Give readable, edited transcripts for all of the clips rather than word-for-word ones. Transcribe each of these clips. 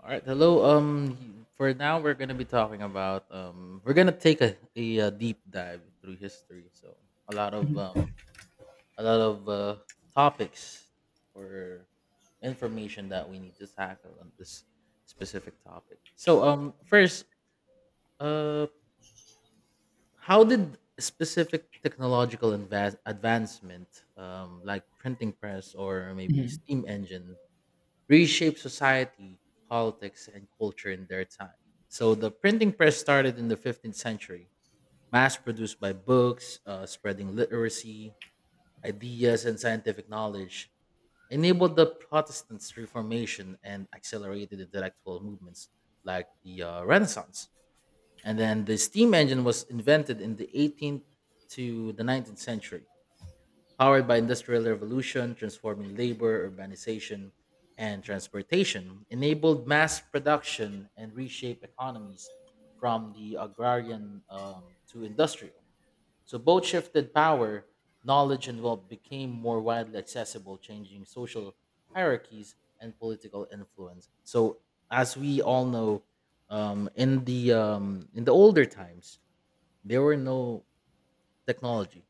All right, hello. For now, we're gonna be talking about we're gonna take a deep dive through history. So a lot of um, a lot of topics or information that we need to tackle on this specific topic. So first, uh, how did specific technological advance advancement, like printing press or maybe Mhm. steam engine, reshaped society, politics, and culture in their time. So the printing press started in the 15th century, mass produced by books, spreading literacy, ideas, and scientific knowledge, enabled the Protestants' Reformation and accelerated intellectual movements like the Renaissance. And then the steam engine was invented in the 18th to the 19th century, powered by industrial revolution, transforming labor, urbanization, and transportation, enabled mass production and reshaped economies from the agrarian to industrial. So both shifted power, knowledge, and wealth became more widely accessible, changing social hierarchies and political influence. So as we all know, in the older times, there were no technology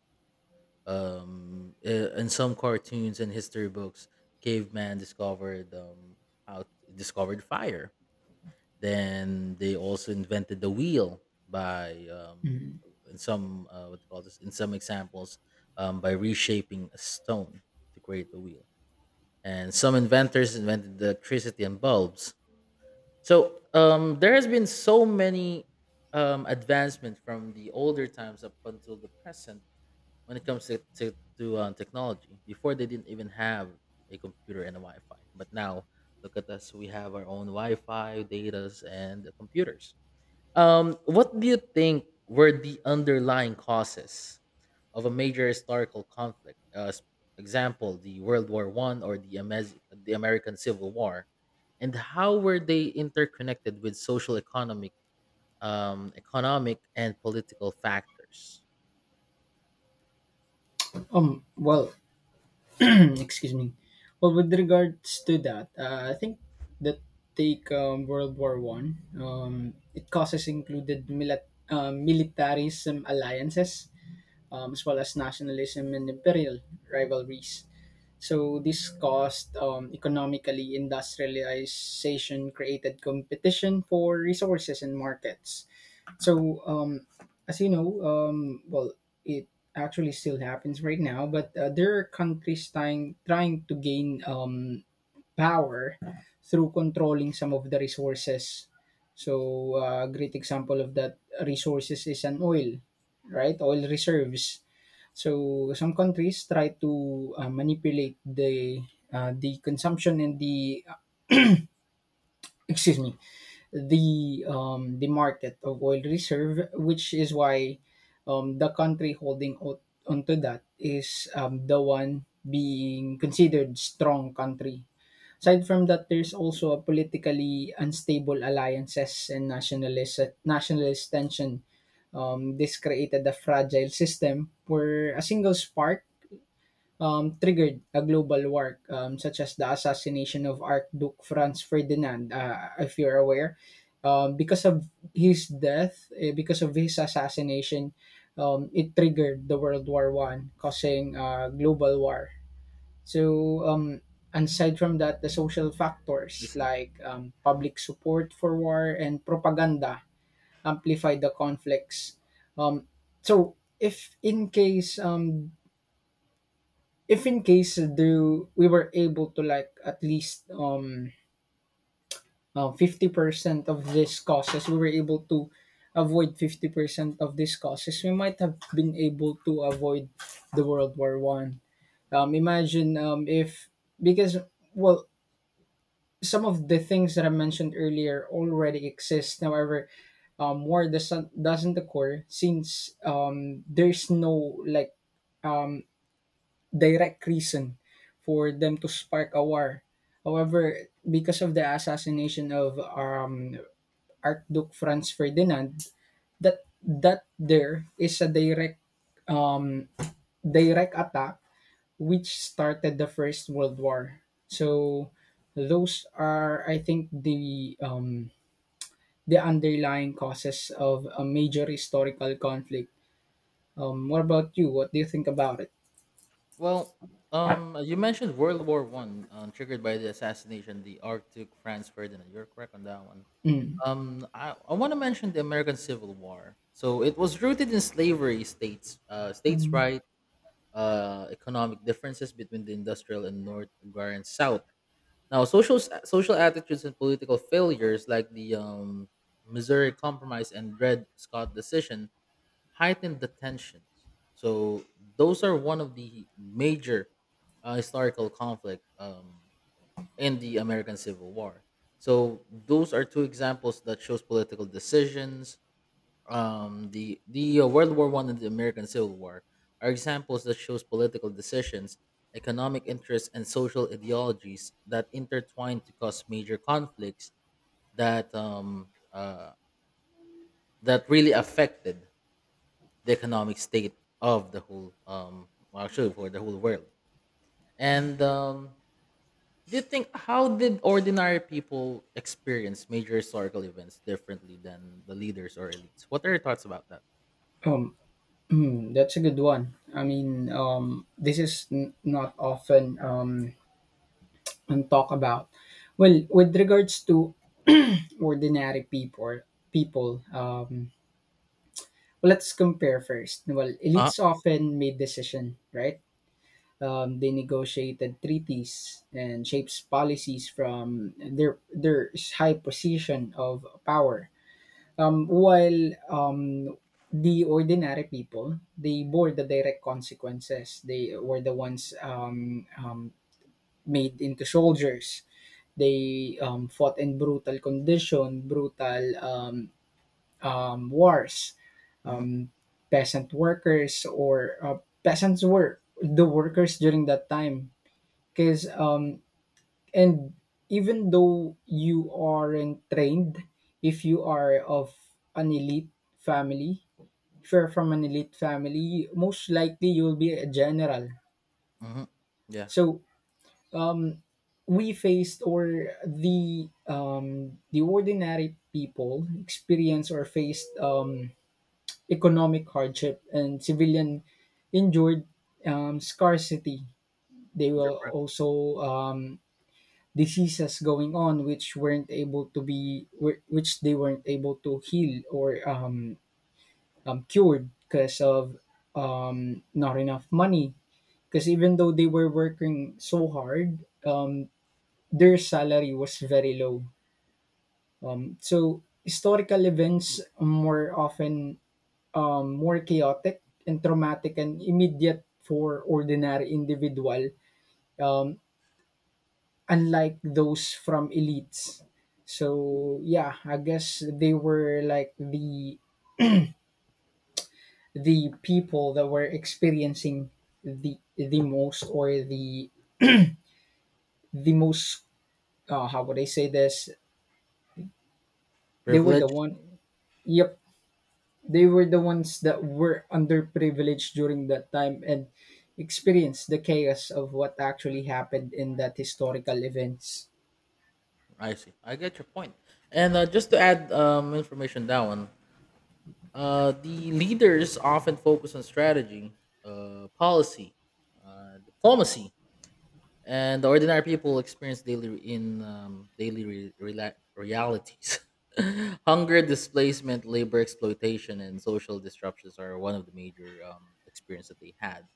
um i- in some cartoons and history books caveman discovered how discovered fire, then they also invented the wheel by in some what they call this in some examples, by reshaping a stone to create the wheel, and some inventors invented electricity and bulbs. So there has been so many advancement from the older times up until the present when it comes to technology. Before they didn't even have a computer and a Wi-Fi, but now look at us. We have our own Wi-Fi, datas, and computers. What do you think were the underlying causes of a major historical conflict? Example, the World War One or the the American Civil War, and how were they interconnected with social economic economic and political factors? Well, excuse me. Well, with regards to that, I think that take World War One. It causes included militarism alliances, as well as nationalism and imperial rivalries. So this caused economically industrialization created competition for resources and markets. So as you know, it actually still happens right now, but there are countries trying to gain power through controlling some of the resources. So a great example of that resources is an oil, right? Oil reserves, so some countries try to manipulate the consumption, and the, excuse me, the market of oil reserve, which is why the country holding out onto that is the one being considered strong country. Aside from that, there's also a politically unstable alliances and nationalist tension. This created a fragile system where a single spark triggered a global war, such as the assassination of Archduke Franz Ferdinand, if you're aware. Because of his death, because of his assassination, it triggered the World War One, causing a global war. So, aside from that, the social I factors see. like Mm-hmm. public support for war and propaganda amplify the conflicts. Um, so, if in case, do we were able to, like, at least 50% of these causes, we were able to avoid 50% of these causes, we might have been able to avoid the World War One. Imagine, if, because, well, some of the things that I mentioned earlier already exist. However, war doesn't occur, since there's no, like, direct reason for them to spark a war. However, because of the assassination of Archduke Franz Ferdinand, that there is a direct, um, attack which started the First World War. So those are, I think, the underlying causes of a major historical conflict. What about you? What do you think about it? Well, you mentioned World War One, triggered by the assassination the Archduke Franz Ferdinand. You're correct on that one. Mm. Um, I want to mention the American Civil War. So it was rooted in slavery, states, states' Mm. right, economic differences between the industrial and North agrarian South. Now, social attitudes and political failures like the Missouri Compromise and Dred Scott decision heightened the tensions. So those are one of the major historical conflict in the American Civil War. So those are two examples that shows political decisions. The World War One and the American Civil War are examples that shows political decisions, economic interests, and social ideologies that intertwine to cause major conflicts that that really affected the economic state of the whole well, actually for the whole world. And Do you think, how did ordinary people experience major historical events differently than the leaders or elites? What are your thoughts about that? Um, that's a good one. I mean, this is not often, and talk about. Well, with regards to ordinary people. Well, let's compare first. Well, Uh, elites often made decision, right? They negotiated treaties and shapes policies from their high position of power. While, the ordinary people, they bore the direct consequences. They were the ones, made into soldiers. They, fought in brutal condition, brutal, wars. hmm Peasant workers or, peasants were the workers during that time. Because, and even though you aren't trained, if you are of an elite family if you're from an elite family, most likely you'll be a general. hmm yeah, So we faced, or the, the ordinary people experienced or faced, economic hardship, and civilian endured, scarcity. They they're were pri- also, diseases going on which weren't able to be, which they weren't able to heal or, cured because of, not enough money. Because even though they were working so hard, their salary was very low. So historical events more often, more chaotic and traumatic and immediate for ordinary individual, um, unlike those from elites. So yeah, I guess they were like the people that were experiencing the most, or the most, how would I say this? They were the privileged. one. Yep, they were the ones that were underprivileged during that time and experienced the chaos of what actually happened in that historical events. I see, I get your point. And just to add information down, the leaders often focus on strategy, policy, diplomacy, and the ordinary people experience daily in daily realities. Hunger, displacement, labor exploitation, and social disruptions are one of the major experience that they had.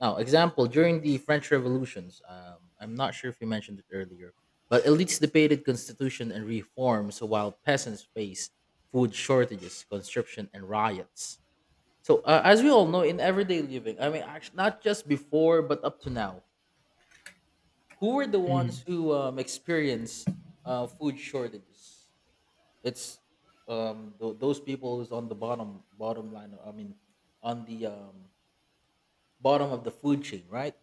Now, example during the French revolutions, I'm not sure if you mentioned it earlier, but elites debated constitution and reforms while peasants faced food shortages, conscription, and riots. So, as we all know, in everyday living, I mean, not just before but up to now, who were the ones Mm. who experienced food shortages? It's those people who's on the bottom line. I mean, on the bottom of the food chain, right?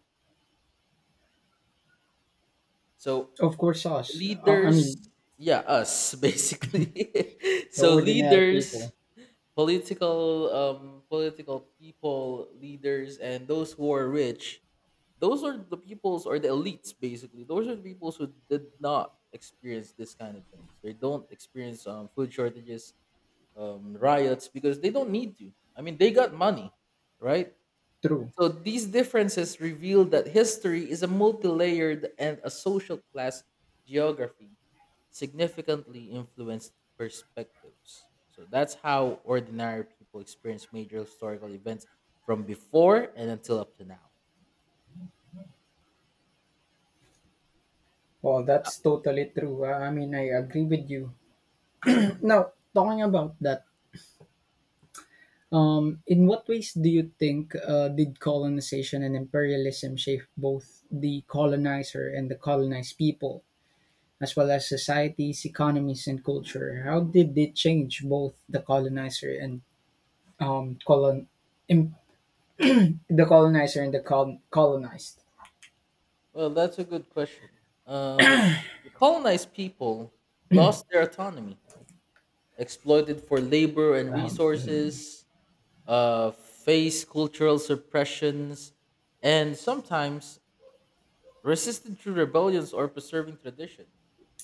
So Of course, us. I leaders, mean, yeah, us basically. the So ordinary leaders, people. political, political people, leaders, and those who are rich, those are the peoples or the elites, basically those are the peoples who did not experience this kind of things. They don't experience food shortages, riots, because they don't need to. I mean, they got money, right? True. So these differences reveal that history is a multi-layered and a social class geography significantly influenced perspectives. So that's how ordinary people experience major historical events from before and until up to now. Well, that's totally true. I mean, I agree with you. Now, talking about that, in what ways do you think, did colonization and imperialism shape both the colonizer and the colonized people, as well as societies, economies, and culture? How did they change both the colonizer and, um, colon, im- the colonizer and colonized? Well, that's a good question. Um, the colonized people lost their autonomy, exploited for labor and resources, faced cultural suppressions, and sometimes resisted to rebellions or preserving tradition.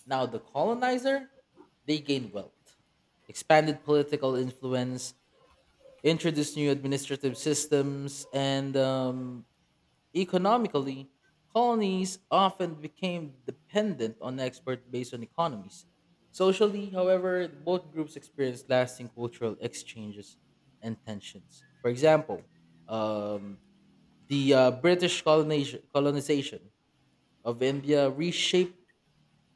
Now, the colonizer, they gained wealth, expanded political influence, introduced new administrative systems, and economically, colonies often became dependent on export based on economies. Socially, however, both groups experienced lasting cultural exchanges and tensions. For example, um, the British colonization of India reshaped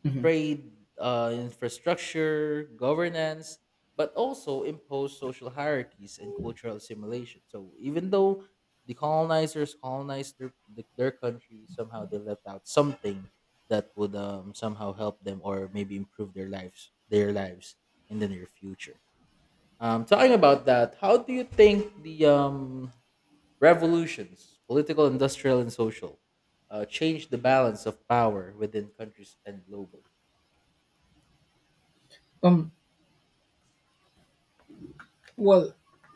Hmm. trade, infrastructure, governance, but also impose social hierarchies and cultural assimilation. So even though the colonizers colonized their country, somehow they left out something that would somehow help them or maybe improve their lives in the near future. Talking about that, how do you think the revolutions, political, industrial, and social, change the balance of power within countries and globally? Um. Well,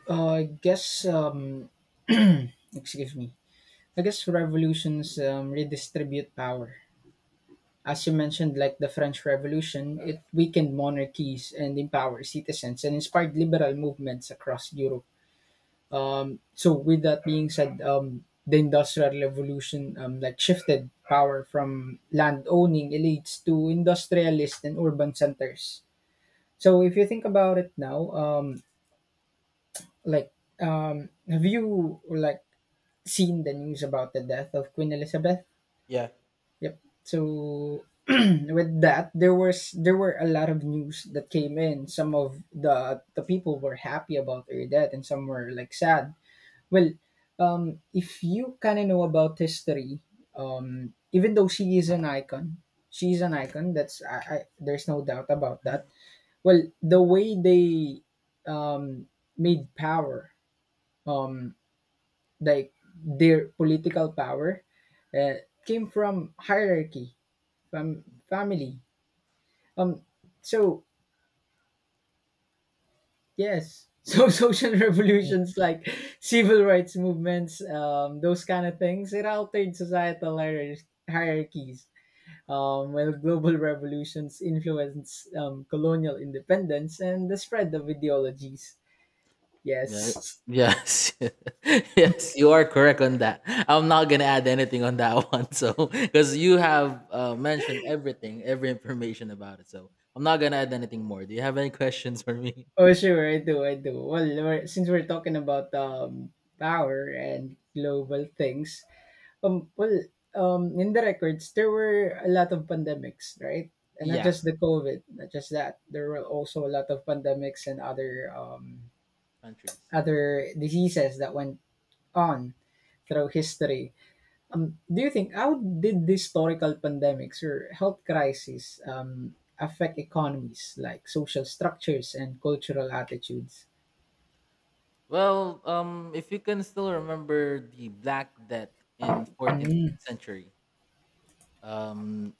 I guess. Excuse me. I guess revolutions, redistribute power. As you mentioned, like the French Revolution, it weakened monarchies and empowered citizens and inspired liberal movements across Europe. With that being said, the Industrial Revolution, like, shifted power from land owning elites to industrialists and urban centers. So if you think about it now, like have you, like, seen the news about the death of Queen Elizabeth? Yeah. Yep. So with that, there were a lot of news that came in. Some of the people were happy about her death, and some were like sad. Well, if you kind of know about history, even though she is an icon, she's an icon. That's, there's no doubt about Mm, that. Well, the way they, um, made power, um, like their political power, uh, came from hierarchy, from family. Um, so, yes. So, social revolutions like civil rights movements, those kind of things, it altered societal hierarchies. While global revolutions influenced, colonial independence and the spread of ideologies. yeah. Yes. Yes. Yes, you are correct on that. I'm not gonna add anything on that one. So, because you have mentioned everything, every information about it. So, I'm not gonna add anything more. Do you have any questions for me? Oh, sure, I do, I do. Well, we're, since we're talking about, power and global things. Um, well, in the records, there were a lot of pandemics, right? And not Yeah, just the COVID, not just that. There were also a lot of pandemics and other um, countries. Yeah. other diseases that went on through history. Do you think how did these historical pandemics or health crises, affect economies, like social structures and cultural attitudes? Well, if you can still remember the Black Death in 14th Mm-hmm. century, um,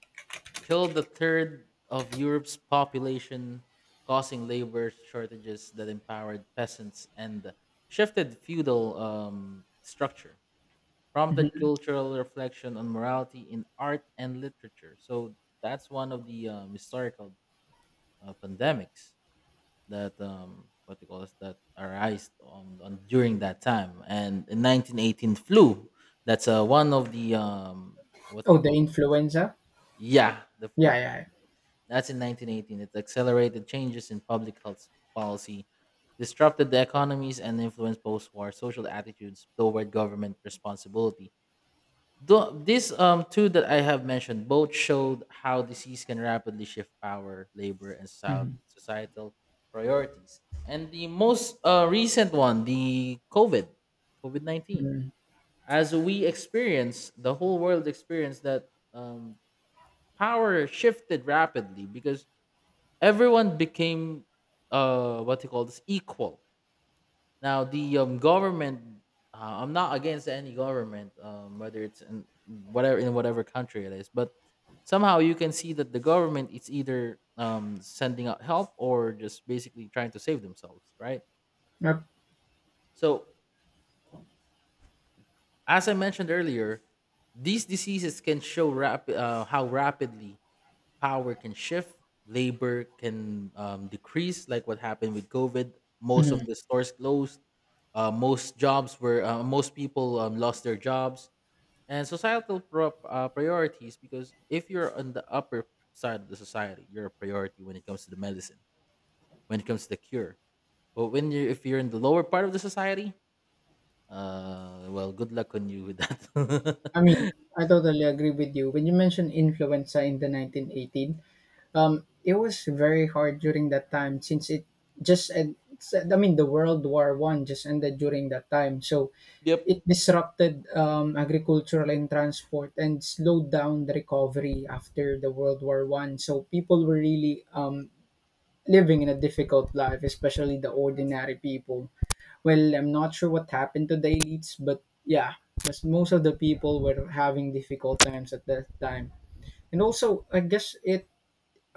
killed a third of Europe's population, causing labor shortages that empowered peasants and shifted feudal structure, prompted cultural reflection on morality in art and literature. So that's one of the historical pandemics that what they call this, that arise on during that time. And in 1918 flu, that's one of the what do Oh, you the call influenza. yeah, Yeah, yeah. Yeah. that's in 1918. It accelerated changes in public health policy, disrupted the economies, and influenced post-war social attitudes toward government responsibility. Though these two that I have mentioned both showed how disease can rapidly shift power, labor, and Mm-hmm. societal priorities. And the most recent one, the COVID 19. Mm-hmm. As we experience, the whole world experienced that power shifted rapidly because everyone became what they call this equal. Now the government, I'm not against any government, whether it's in whatever country it is, but somehow you can see that the government is either sending out help or just basically trying to save themselves, right? Yep. So as I mentioned earlier, these diseases can show how rapidly power can shift, labor can decrease, like what happened with COVID. Most Mm-hmm. of the stores closed. Most people lost their jobs, and societal priorities, because if you're on the upper side of the society you're a priority when it comes to the medicine, when it comes to the cure, but when you if you're in the lower part of the society, well, good luck on you with that. I mean, I totally agree with you. When you mentioned influenza in the 1918, it was very hard during that time, since it just, and I mean, the World War One just ended during that time. So Yep. it disrupted, agricultural and transport, and slowed down the recovery after the World War One. So people were really, living in a difficult life, especially the ordinary people. Well, I'm not sure what happened to the elites, but yeah, because most of the people were having difficult times at that time. And also, I guess it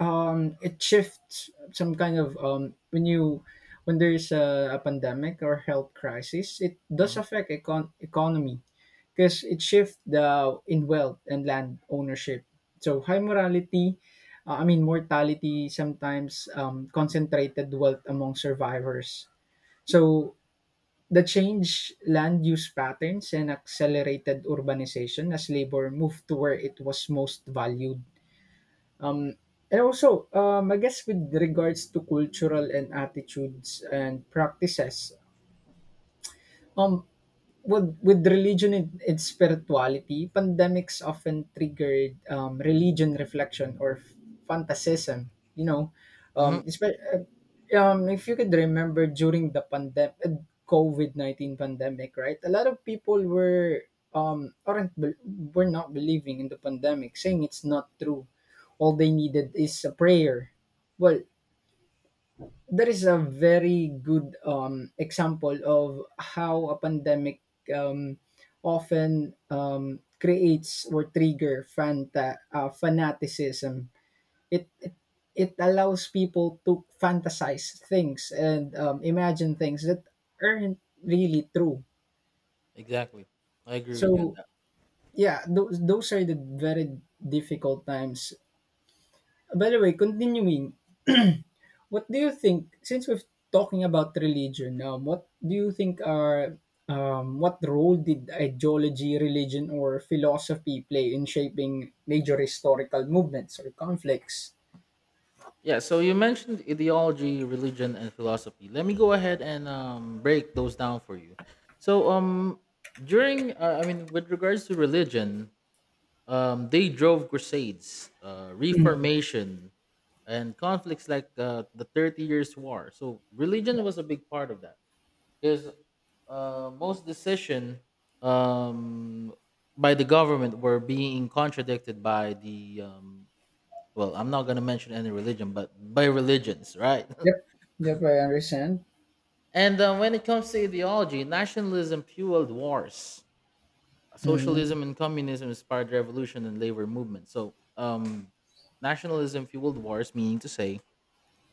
um it shifts some kind of, when you, when there's a pandemic or health crisis, it does Hmm. affect economy, because it shifts the in wealth and land ownership. So high morality, I mean mortality, sometimes, concentrated wealth among survivors. So the change land use patterns and accelerated urbanization as labor moved to where it was most valued. Um, and also, I guess with regards to cultural and attitudes and practices, um, with religion and, spirituality, pandemics often triggered, religion reflection, or fantasism. You know, Hmm. um, espe- uh, if you could remember during the pandemic, COVID-19 pandemic, right? A lot of people um aren't bel were not believing in the pandemic, saying it's not true. All they needed is a prayer. Well, that is a very good, example of how a pandemic, um, often, creates or trigger fanaticism. It, it it allows people to fantasize things and, imagine things that aren't really true. Exactly, I agree So with you on that. yeah, those are the very difficult times. By the way, continuing. What do you think, since we're talking about religion now, what do you think are, what role did ideology, religion, or philosophy play in shaping major historical movements or conflicts? Yeah, so you mentioned ideology, religion, and philosophy. Let me go ahead and break those down for you. So, I mean, with regards to religion, they drove crusades, Mhm. reformation, and conflicts like the 30 Years' War. So, religion was a big part of that because most decision um, by the government were being contradicted by the well, I'm not going to mention any religion but by religions, right? Yep, yep, I understand. And when it comes to ideology, nationalism fueled wars, Mm-hmm. socialism and communism inspired revolution and labor movement. So nationalism fueled wars, meaning to say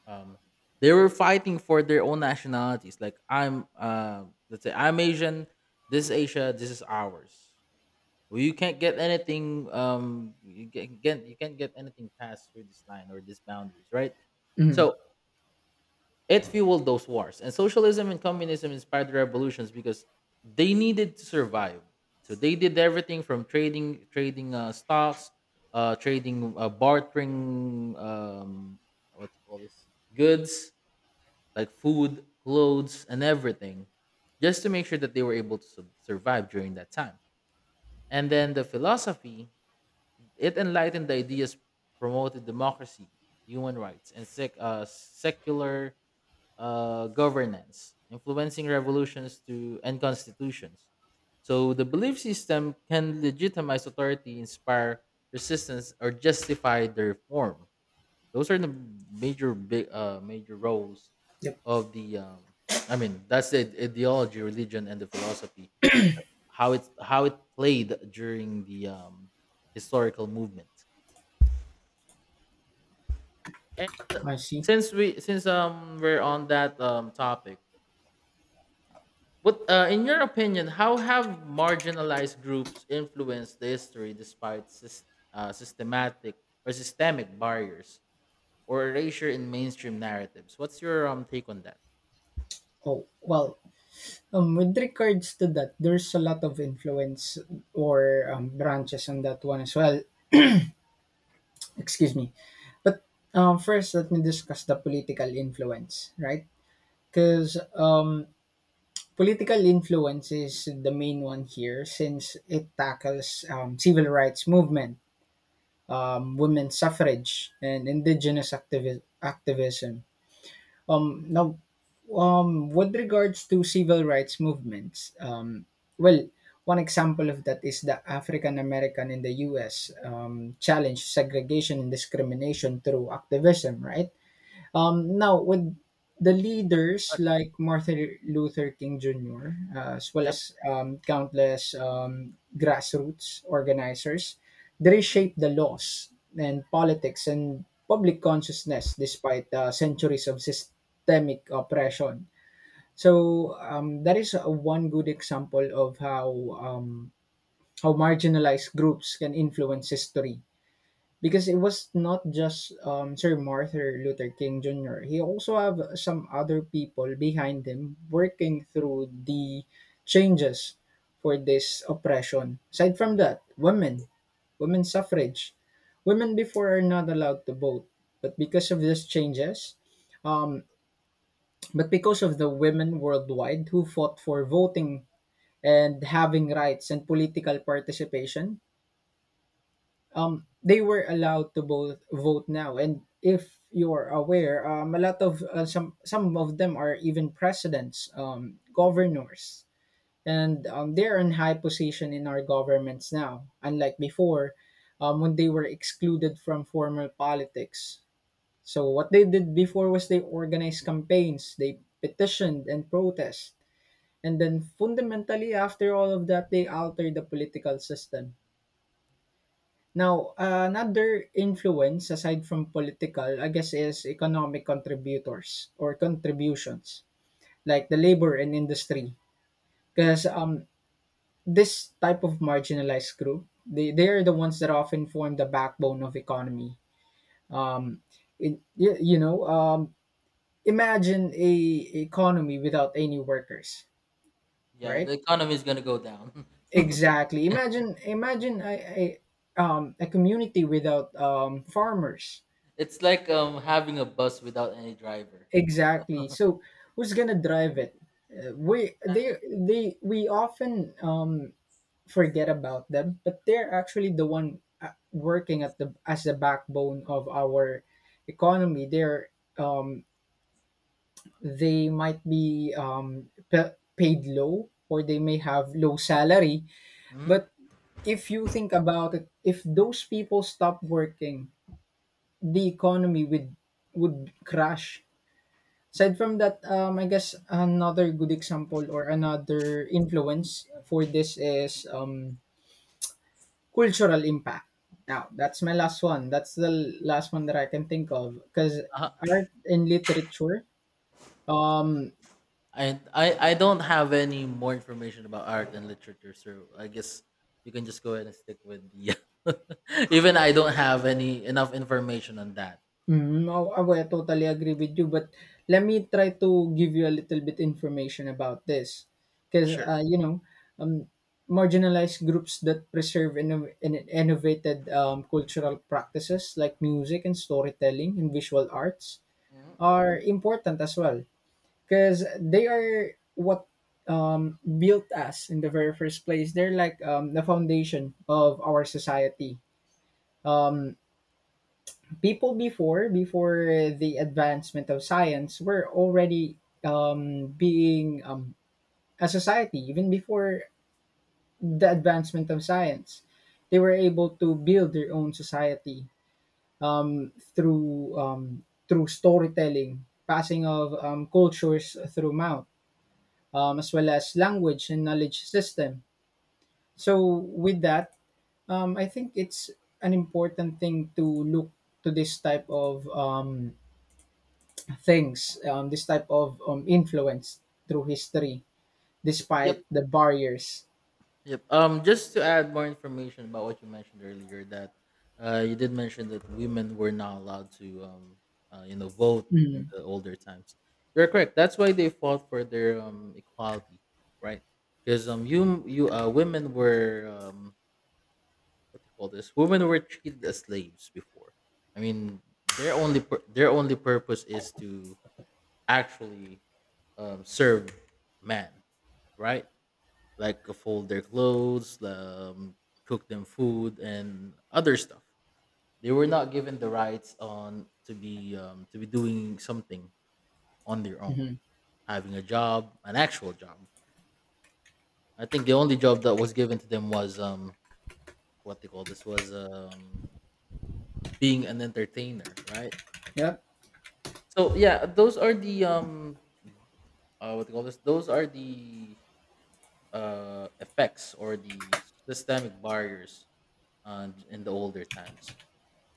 um they were fighting for their own nationalities. Like, I'm let's say I'm Asian, this is Asia, this is ours. Well, you can't get anything. You can't get you can't get anything past through this line or these boundaries, right? Mm-hmm. So it fueled those wars. And socialism and communism inspired the revolutions because they needed to survive. So they did everything from trading stocks, trading, bartering, what do you call this, goods like food, clothes, and everything, just to make sure that they were able to survive during that time. And then the philosophy, it enlightened the ideas, promoted democracy, human rights, and secular governance, influencing revolutions to and constitutions. So the belief system can legitimize authority, inspire resistance, or justify their reform. Those are the major roles Yep, of the. I mean, that's the ideology, religion, and the philosophy. How it played during the historical movement. And I see. since we're on that topic. But in your opinion, how have marginalized groups influenced the history despite systematic or systemic barriers or erasure in mainstream narratives? What's your take on that? Oh, well, with regards to that, there's a lot of influence, or, branches on that one as well. Excuse me. But, first, let me discuss the political influence, right? Because, political influence is the main one here, since it tackles, civil rights movement, women's suffrage, and indigenous activism. Now, with regards to civil rights movements, well, one example of that is the African American in the U.S. Challenge segregation and discrimination through activism, right? Now, with the Yep. leaders uh, like Martin Luther King Jr., as well Yep. as, countless, grassroots organizers, they reshaped the laws and politics and public consciousness despite, centuries of systemic oppression. So, that is, one good example of how, um, how marginalized groups can influence history, because it was not just, Sir Martin Luther King Jr. He also have some other people behind him working through the changes for this oppression. Aside from that, women, women suffrage. Women before are not allowed to vote, but because of these changes, um, but because of the women worldwide who fought for voting and having rights and political participation, they were allowed to both vote now. And if you're aware, a lot of some of them are even presidents, governors, and they're in high position in our governments now. Unlike before, when they were excluded from formal politics. So what they did before was they organized campaigns, they petitioned and protest, and then fundamentally after all of that, they altered the political system. Now, another influence aside from political, I guess, is economic contributors or contributions like the labor and industry, Yep. because this type of marginalized group, they are the ones that often form the backbone of economy. Um, it, you, you know, imagine a economy without any workers, Yeah, right? the economy is gonna go down. Exactly. Imagine a community without farmers. It's like having a bus without any driver. Exactly. So who's gonna drive it? We they we often forget about them, but they're actually the one working at the as the backbone of our economy. They're um, they might be paid low, or they may have low salary. Mhm. But if you think about it, if those people stop working, the economy would crash. Aside from that, I guess another good example or another influence for this is cultural impact. Now, that's my last one. That's the last one that I can think of because Uh-huh. art and literature. I don't have any more information about art and literature, so I guess you can just go ahead and stick with the. Even I don't have any enough information on that. Mm, oh, I well, I totally agree with you, but let me try to give you a little bit information about this, because Sure. Um, marginalized groups that preserve inno- and innovated cultural practices like music and storytelling and visual arts Mhm. are important as well, because they are what built us in the very first place. They're like the foundation of our society. People before the advancement of science were already being a society even before the advancement of science. They were able to build their own society through storytelling, passing of cultures through mouth, as well as language and knowledge system. So Uh, with that, I think it's an important thing to look to this type of things, this type of influence through history despite Yep. the barriers. Yep. Just to add more information about what you mentioned earlier, that you did mention that women were not allowed to, you know, vote in the older times. You're correct. That's why they fought for their equality, right? Because you you women were what you call this, women were treated as slaves before. I mean, their only purpose is to actually, serve man, right, like fold their clothes, cook them food and other stuff. They were not given the rights on to be, to be doing something on their own, Hmm. having a job, an actual job. I think the only job that was given to them was what they call this was being an entertainer, right? Yep. So yeah, those are the what do you call this? Those are the effects or the systemic barriers in the older times.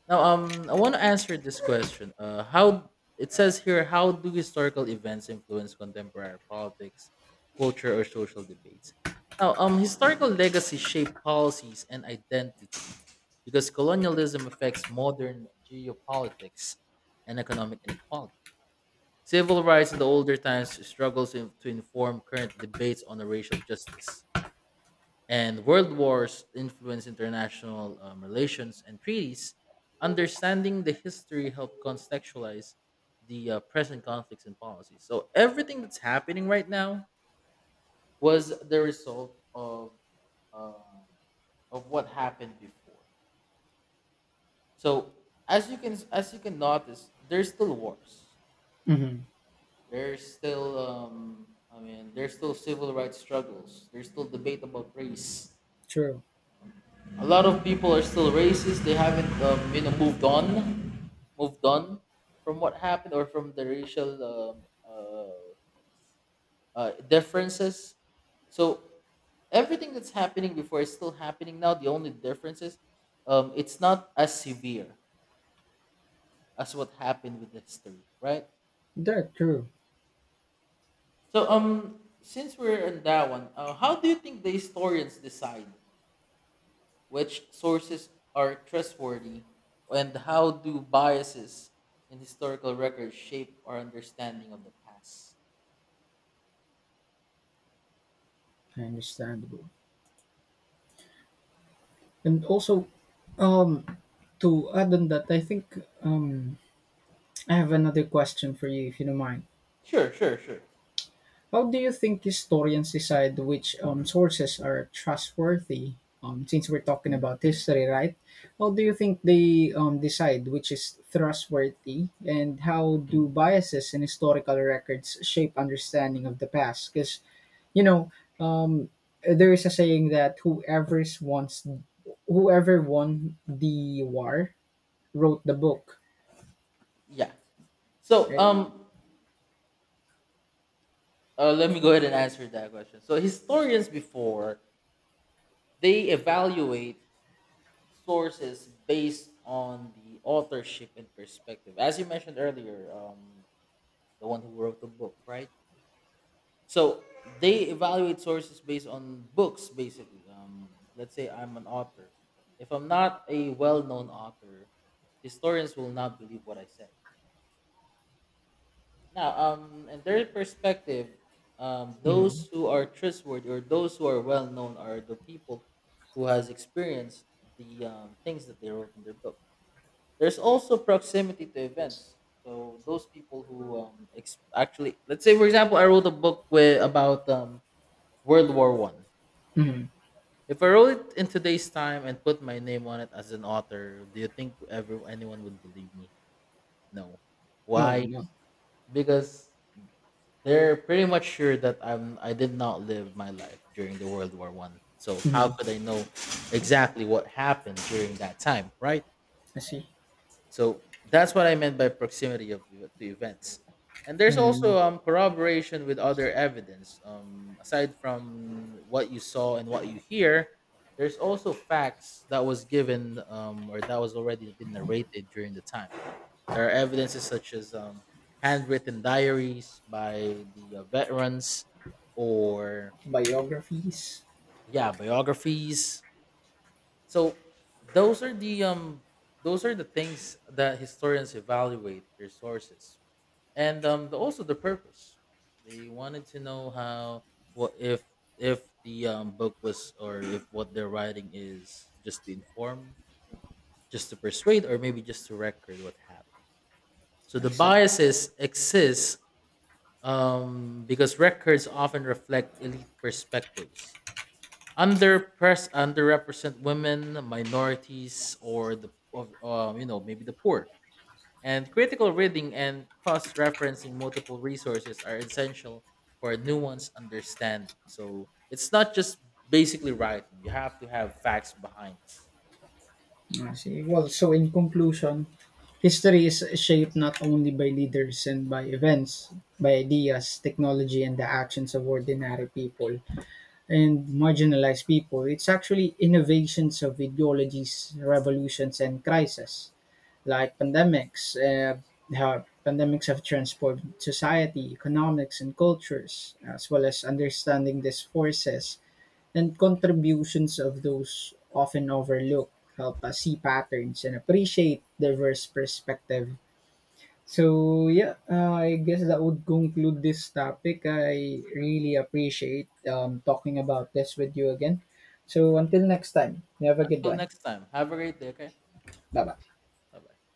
Now, I want to answer this question. How It says here, how do historical events influence contemporary politics, culture, or social debates? Now, historical legacy shape policies and identity because colonialism affects modern geopolitics and economic inequality. Civil rights in the older times struggles in, to inform current debates on the racial justice. And world wars influence international relations and treaties. Understanding the history helped contextualize the present conflicts and policies. So everything that's happening right now was the result uh, of what happened before. So as you can notice, there's still wars. Hmm. There's still, I mean, there's still civil rights struggles. There's still debate about race. True. A lot of people are still racist. They haven't, you know, moved on from what happened or from the racial, what do you call this? Differences. So everything that's happening before is still happening now. The only difference is, it's not as severe as what happened with the history, right? That true. So since we're on that one, how do you think the historians decide which sources are trustworthy, and how do biases in historical records shape our understanding of the past? Understandable. And also, um to add on that I think I have another question for you if you don't mind. Sure, sure, sure. How do you think historians decide which sources are trustworthy? Since we're talking about history, right? How do you think they decide which is trustworthy, and how do biases in historical records shape understanding of the past? Because you know, um, there is a saying that whoever won the war wrote the book, Yeah. So right? Let me go ahead and answer that question. So historians before, they evaluate sources based on the authorship and perspective, as you mentioned earlier, the one who wrote the book, right? So they evaluate sources based on books, basically. Let's say I'm an author. If I'm not a well-known author, historians will not believe what I say. Now, in their perspective, Mm-hmm. those who are trustworthy or those who are well-known are the people who has experienced the things that they wrote in their book. There's also proximity to events. So those people who actually, let's say, for example, I wrote a book with about World War I. Mm-hmm. If I wrote it in today's time and put my name on it as an author, do you think ever anyone would believe me? No. No, Why? no. Because they're pretty much sure that I did not live my life during the World War I. So how Mm-hmm. could I know exactly what happened during that time, right? I see. So that's what I meant by proximity to events. And there's Mm. also corroboration with other evidence. Aside from what you saw and what you hear, there's also facts that was given or that was already been narrated during the time. There are evidences such as handwritten diaries by the veterans, or Biographies. yeah, biographies. So those are the um those are the things that historians evaluate their sources and the, also the purpose. They wanted to know how, what if the book was, or if what they're writing is just to inform, just to persuade, or maybe just to record what happened. So the I see. biases exist because records often reflect elite perspectives. Underpress Underrepresent women, minorities, or you know, maybe the poor. And critical reading and cross-referencing multiple resources are essential for a nuanced understanding. So it's not just basically writing; you have to have facts behind it. I see. Well, so in conclusion, history is shaped not only by leaders and by events, by ideas, technology, and the actions of ordinary people and marginalized people. It's actually innovations of ideologies, revolutions, and crises like pandemics. How pandemics have transformed society, economics, and cultures, as well as understanding these forces and contributions of those often overlooked help us see patterns and appreciate diverse perspective. So yeah, I guess that would conclude this topic. I really appreciate talking about this with you again. So until next time, you have a good Until one. next time, have a great day. Okay, Bye bye. bye bye.